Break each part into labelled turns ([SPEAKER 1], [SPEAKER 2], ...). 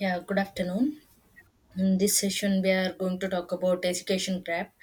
[SPEAKER 1] Yeah, good afternoon. In this session, we are going to talk about education gap.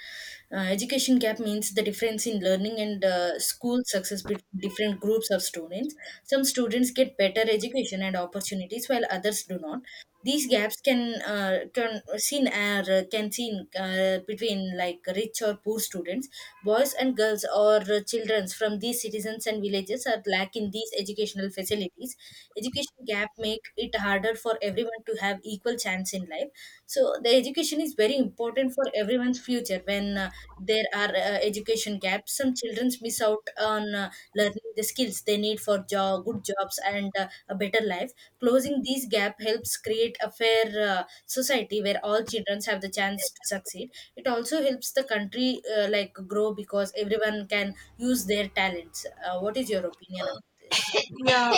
[SPEAKER 1] Education gap means the difference in learning and school success between different groups of students. Some students get better education and opportunities while others do not. These gaps can seen between like rich or poor students, boys and girls, or children from these citizens and villages are lacking these educational facilities. Education gap make it harder for everyone to have equal chance in life, so the education is very important for everyone's future. When there are education gaps, some children miss out on learning the skills they need for job, good jobs, and a better life. Closing these gap helps create a fair society where all children have the chance to succeed. It also helps the country like grow because everyone can use their talents. What is your opinion about this?
[SPEAKER 2] Yeah,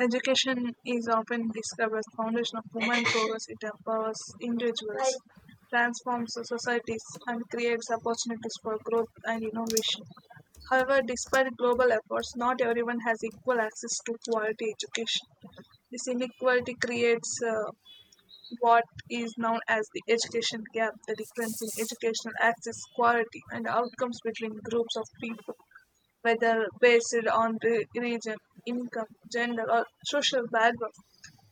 [SPEAKER 2] education is often described as the foundation of human progress. It empowers individuals, transforms the societies, and creates opportunities for growth and innovation. However, despite global efforts, not everyone has equal access to quality education. This inequality creates what is known as the education gap, the difference in educational access, quality, and outcomes between groups of people, whether based on region, income, gender, or social background.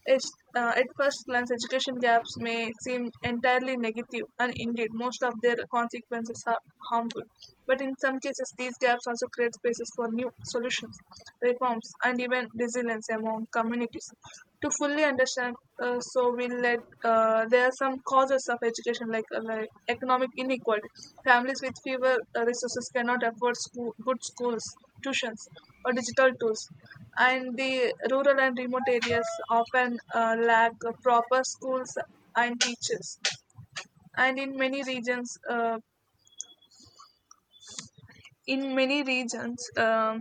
[SPEAKER 2] It's, at first glance, education gaps may seem entirely negative, and indeed, most of their consequences are harmful. But in some cases, these gaps also create spaces for new solutions, reforms, and even resilience among communities. To fully understand, so we let there are some causes of education, like economic inequality. Families with fewer resources cannot afford good schools, tuitions, or digital tools. And the rural and remote areas often lack proper schools and teachers. And in many regions, in many regions um,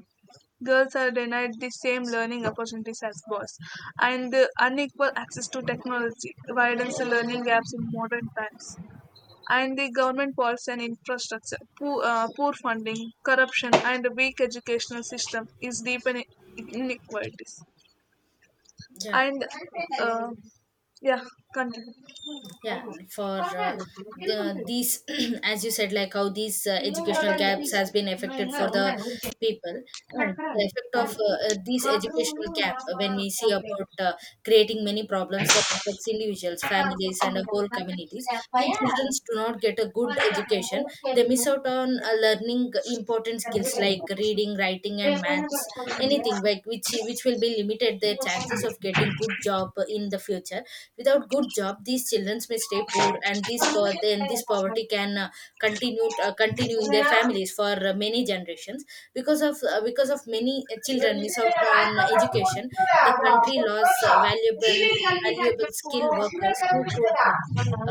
[SPEAKER 2] girls are denied the same learning opportunities as boys. And the unequal access to technology widens the learning gaps in modern times. And the government policy and infrastructure, poor funding, corruption, and a weak educational system is deepening inequalities.
[SPEAKER 1] Yeah.
[SPEAKER 2] And uh, ya kan
[SPEAKER 1] Yeah. for
[SPEAKER 2] kalau nggak
[SPEAKER 1] uh,
[SPEAKER 2] ada, kilo pun
[SPEAKER 1] the,
[SPEAKER 2] tidak
[SPEAKER 1] these as you said, like how these
[SPEAKER 2] kilo
[SPEAKER 1] educational
[SPEAKER 2] orang ini
[SPEAKER 1] gaps has been
[SPEAKER 2] nggak
[SPEAKER 1] affected
[SPEAKER 2] nggak
[SPEAKER 1] for the
[SPEAKER 2] orang ini
[SPEAKER 1] people and
[SPEAKER 2] kotoran
[SPEAKER 1] the
[SPEAKER 2] aja,
[SPEAKER 1] effect of
[SPEAKER 2] kamu
[SPEAKER 1] these
[SPEAKER 2] kamu
[SPEAKER 1] educational gap,
[SPEAKER 2] kamu
[SPEAKER 1] when we see
[SPEAKER 2] sampai
[SPEAKER 1] about creating many problems that affects individuals,
[SPEAKER 2] kamu
[SPEAKER 1] families, and
[SPEAKER 2] kamu
[SPEAKER 1] a whole communities.
[SPEAKER 2] kayak apa
[SPEAKER 1] When
[SPEAKER 2] ya
[SPEAKER 1] children do not get a good
[SPEAKER 2] orang orang ini
[SPEAKER 1] education,
[SPEAKER 2] kayak
[SPEAKER 1] they miss out on learning important skills like reading, writing, and maths,
[SPEAKER 2] siapa
[SPEAKER 1] anything like which will be limited their chances of getting good job in the future. Without good job, these children may stay poor, and then this
[SPEAKER 2] siapa
[SPEAKER 1] poverty can continue in their
[SPEAKER 2] ya.
[SPEAKER 1] families for many generations. Because of many children miss out
[SPEAKER 2] So
[SPEAKER 1] on education, the country lost valuable skilled workers who could uh,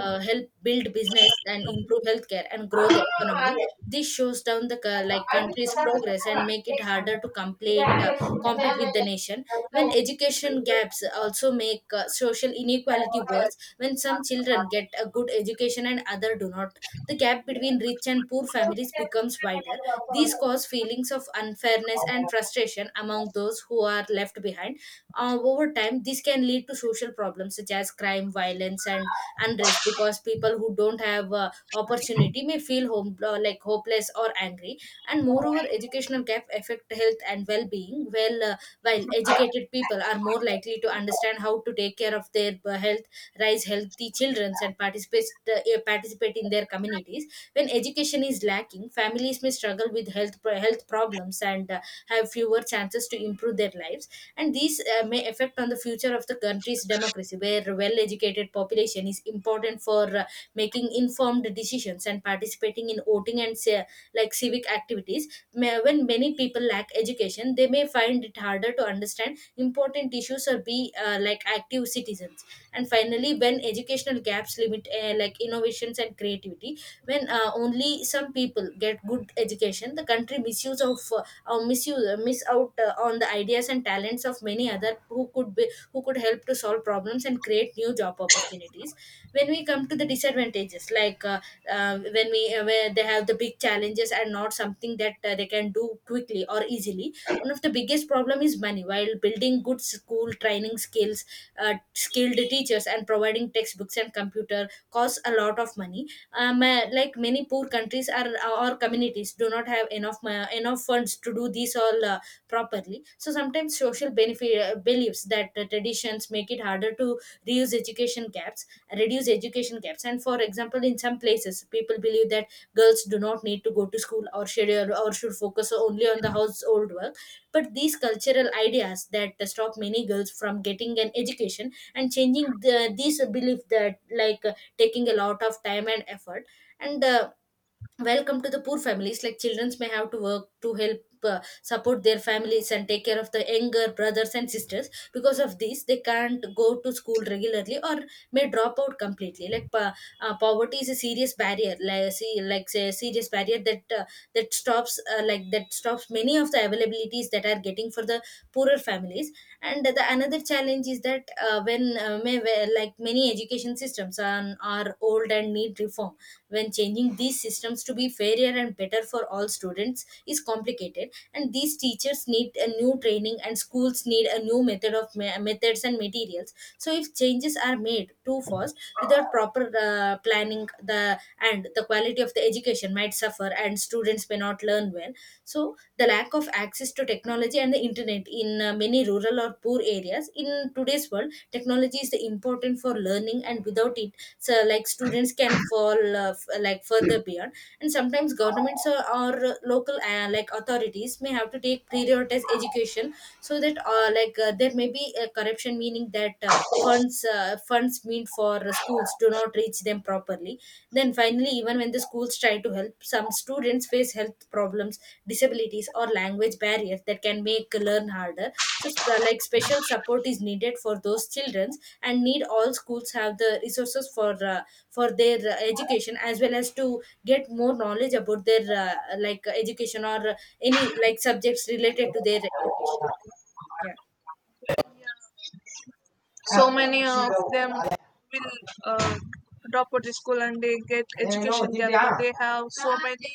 [SPEAKER 1] uh, help build business and improve healthcare and grow the economy. This shows down the like country's progress and make it harder to complete compete with the nation. When education gaps also make social inequality worse, when some children get a good education and other do not, the gap between rich and poor families becomes wider. These cause feelings of unfairness and frustration among those who are left behind. Over time, this can lead to social problems such as crime, violence, and unrest, because people who don't have opportunity may feel like hopeless or angry. And moreover, educational gap affect health and well-being. Well, while educated people are more likely to understand how to take care of their health, raise healthy children, and participate uh, participate in their communities. When education is lacking, families may struggle with health problems and have fewer chances to improve their lives. And these may affect on the future of the country's democracy, where well educated population is important for making informed decisions and participating in voting and like civic activities. When many people lack education, they may find it harder to understand important issues or be like active citizens. And finally, when educational gaps limit like innovations and creativity, when only some people get good education, the country misuse of or misuse miss out on the ideas and talents of many other who could be who could help to solve problems and create new job opportunities. When we come to the disadvantages, when we where they have the big challenges and not something that they can do quickly or easily, one of the biggest problem is money, while building good school, training skills, skilled teachers, and providing textbooks and computer costs a lot of money. Like many poor countries are or communities do not have enough enough funds to do this all properly. So sometimes social benefit, beliefs that traditions make it harder to reuse education gaps reduce education gaps. And for example, in some places people believe that girls do not need to go to school or should focus only on the household work, but these cultural ideas that stop many girls from getting an education, and changing this belief that like taking a lot of time and effort. And welcome to the poor families, like childrens may have to work to help support their families and take care of the younger brothers and sisters. Because of this, they can't go to school regularly or may drop out completely. Poverty is a serious barrier, like say a serious barrier that stops like that stops many of the availabilities that are getting for the poorer families. And the another challenge is that like many education systems are old and need reform. When changing these systems to be fairer and better for all students is complicated, and these teachers need a new training, and schools need a new methods and materials. So if changes are made too fast without proper planning, the quality of the education might suffer and students may not learn well. So the lack of access to technology and the internet in many rural or poor areas, in today's world technology is the important for learning, and without it, so like students can fall like further beyond. And sometimes governments or local like authorities may have to take prioritize education, so that there may be a corruption, meaning that funds meant for schools do not reach them properly. Then finally, even when the schools try to help, some students face health problems, disabilities, or language barriers that can make learn harder. So like special support is needed for those children, and need all schools have the resources for their education, as well as to get more knowledge about their education or any like subjects related to their education. Yeah.
[SPEAKER 2] many of them will uh, drop out of school and they get education there. They have so many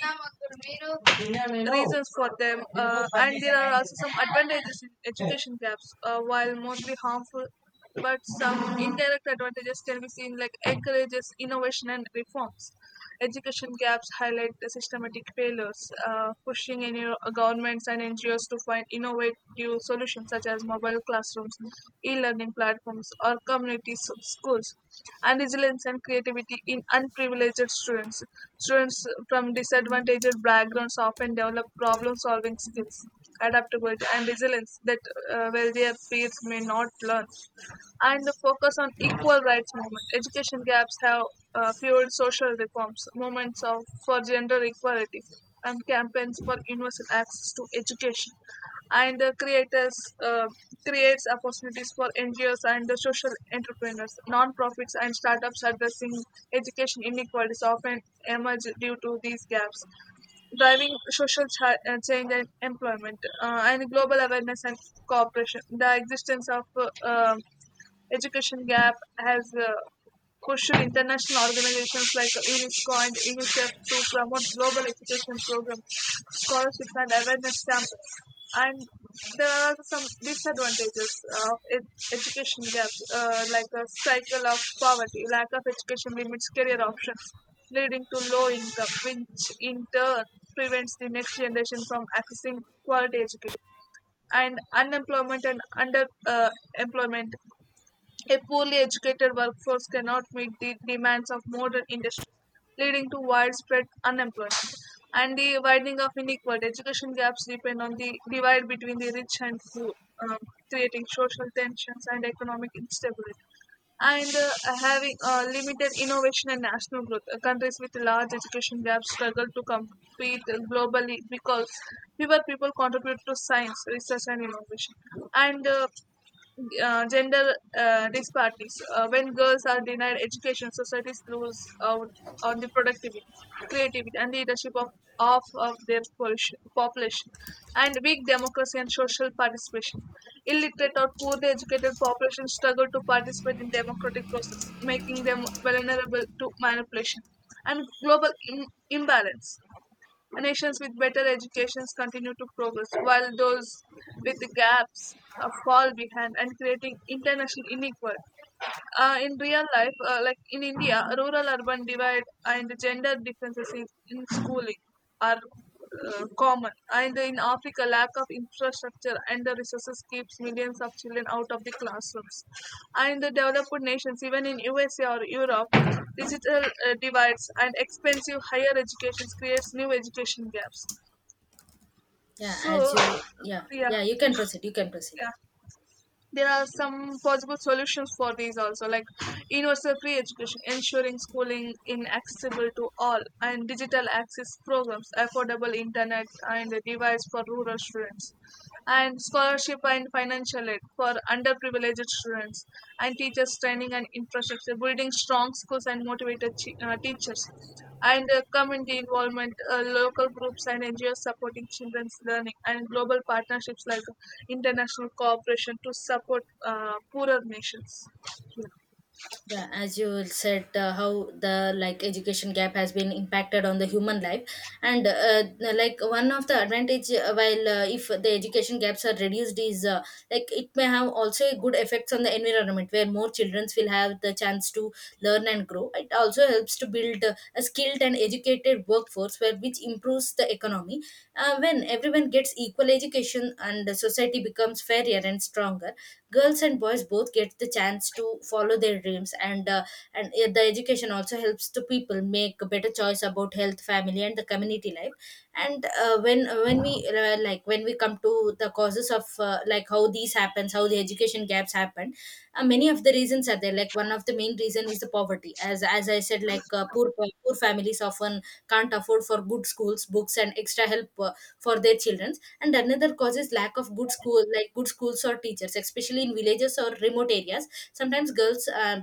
[SPEAKER 2] reasons for them, and there are also some advantages in education gaps. While mostly harmful, but some indirect advantages can be seen, like encourages innovation and reforms. Education gaps highlight the systematic failures, pushing in your governments and NGOs to find innovative solutions such as mobile classrooms, e-learning platforms, or community schools, and resilience and creativity in unprivileged students. Students from disadvantaged backgrounds often develop problem-solving skills, adaptability, and resilience that wealthier peers may not learn. And the focus on equal rights movement. Education gaps have fueled social reforms, movements for gender equality, and campaigns for universal access to education. And uh, creators uh, creates opportunities for NGOs and the social entrepreneurs, non-profits, and startups addressing education inequalities often emerge due to these gaps, driving social change and employment, and global awareness and cooperation. The existence of education gap has pushed international organizations like UNESCO and UNICEF to promote global education programs, scholarships, and awareness campaigns. And there are some disadvantages of education gap, like a cycle of poverty. Lack of education limits career options, leading to low income, which in turn prevents the next generation from accessing quality education. And unemployment and under employment, a poorly educated workforce cannot meet the demands of modern industries, leading to widespread unemployment. And the widening of inequality, education gaps depend on the divide between the rich and poor, um, creating social tensions and economic instability. And having limited innovation and national growth. Countries with large education gaps struggle to compete globally because fewer people contribute to science, research, and innovation. And gender disparities. When girls are denied education, societies lose out on the productivity, creativity, and leadership of their population, and weak democracy and social participation. Illiterate or poorly educated populations struggle to participate in democratic process, making them vulnerable to manipulation and global imbalance. Nations with better educations continue to progress, while those with gaps fall behind and creating international inequality. In real life, like in India, rural urban divide and gender differences in schooling are common. And in Africa, lack of infrastructure and the resources keeps millions of children out of the classrooms. And the developed nations, even in USA or Europe, digital divides and expensive higher education creates new education gaps.
[SPEAKER 1] Yeah, as
[SPEAKER 2] So,
[SPEAKER 1] you. Yeah.
[SPEAKER 2] yeah,
[SPEAKER 1] Yeah, you can proceed, you can proceed.
[SPEAKER 2] yeah,
[SPEAKER 1] Yeah.
[SPEAKER 2] there are some possible solutions for these also, like universal free education ensuring schooling in accessible to all, and digital access programs, affordable internet and device for rural students, and scholarship and financial aid for underprivileged students, and teachers training and infrastructure, building strong schools and motivated teachers, and community involvement, local groups and NGOs supporting children's learning, and global partnerships like international cooperation to support poorer nations.
[SPEAKER 1] Yeah, as you said, how the like education gap has been impacted on the human life. And like one of the advantage, while if the education gaps are reduced is like it may have also a good effects on the environment, where more children will have the chance to learn and grow. It also helps to build a skilled and educated workforce where which improves the economy. When everyone gets equal education and the society becomes fairer and stronger, girls and boys both get the chance to follow their dreams, and the education also helps to people make a better choice about health, family, and the community life. And when we like when we come to the causes of like how these happens, how the education gaps happen, many of the reasons are there. Like one of the main reason is the poverty, as I said. Like poor families often can't afford for good schools, books, and extra help for their children. And another cause is lack of good school, like good schools or teachers, especially in villages or remote areas. Sometimes girls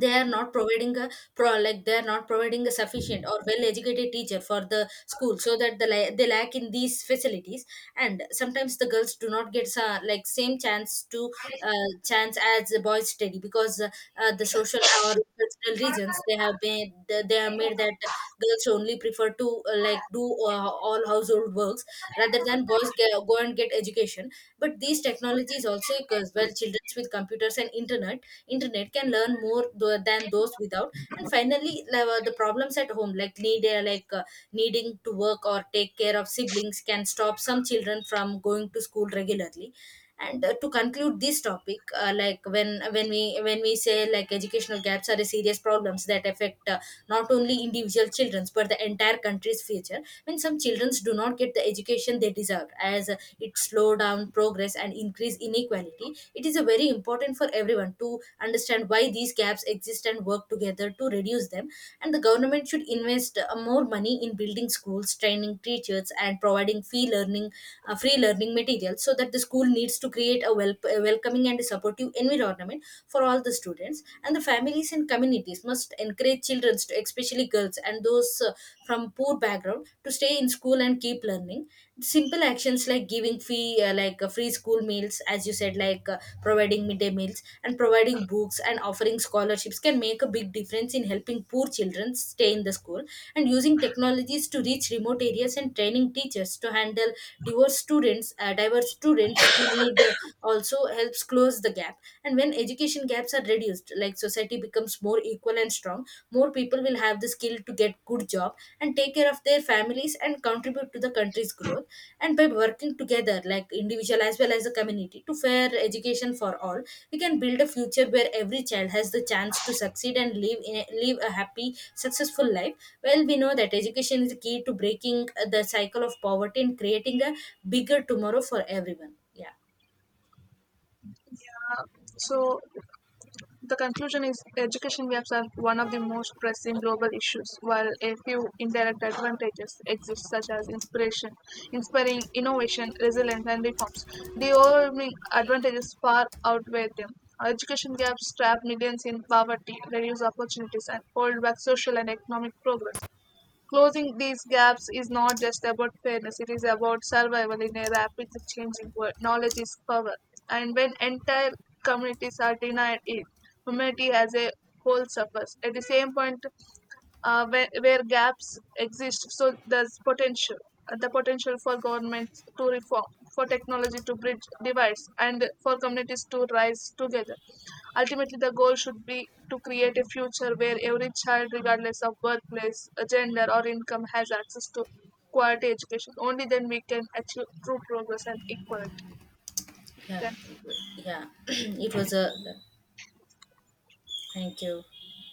[SPEAKER 1] they are not providing a pro like they are not providing a sufficient or well educated teacher for the school, so that they lack in these facilities. And sometimes the girls do not get like same chance to uh, chance as the boys study, because the social or cultural reasons, they have made that girls only prefer to like do all household works rather than boys go and get education. But these technologies also cause well children with computers and internet can learn more than those without. And finally, the problems at home, like needing to work or take care of siblings can stop some children from going to school regularly. And to conclude this topic, like when we say like educational gaps are a serious problems that affect not only individual children's but the entire country's future. When some childrens do not get the education they deserve, as it slow down progress and increase inequality, it is a very important for everyone to understand why these gaps exist and work together to reduce them. And the government should invest more money in building schools, training teachers, and providing free learning, free learning material, so that the school needs to create a welcoming and supportive environment for all the students. And the families and communities must encourage children, especially girls and those from poor background, to stay in school and keep learning. Simple actions like giving free free school meals, as you said, like providing midday meals and providing books and offering scholarships can make a big difference in helping poor children stay in the school. And using technologies to reach remote areas and training teachers to handle diverse students to need also helps close the gap. And when education gaps are reduced, like society becomes more equal and strong, more people will have the skill to get good job and take care of their families and contribute to the country's growth. And by working together, like individual as well as the community, to fair education for all, we can build a future where every child has the chance to succeed and live a happy successful life. Well, we know that education is the key to breaking the cycle of poverty and creating a bigger tomorrow for everyone. Yeah.
[SPEAKER 2] So, the conclusion is education gaps are one of the most pressing global issues, while a few indirect advantages exist, such as inspiration, inspiring innovation, resilience, and reforms. The overwhelming advantages far outweigh them. Education gaps trap millions in poverty, reduce opportunities, and hold back social and economic progress. Closing these gaps is not just about fairness, it is about survival in a rapidly changing world. Knowledge is power, and when entire communities are denied it, humanity as a whole suffers. At the same point, where gaps exist, so there's potential the potential for governments to reform, for technology to bridge divides, and for communities to rise together. Ultimately, the goal should be to create a future where every child, regardless of birthplace, gender, or income, has access to quality education. Only then we can achieve true progress and equality.
[SPEAKER 1] Yeah.
[SPEAKER 2] Then
[SPEAKER 1] Yeah, it was a thank you.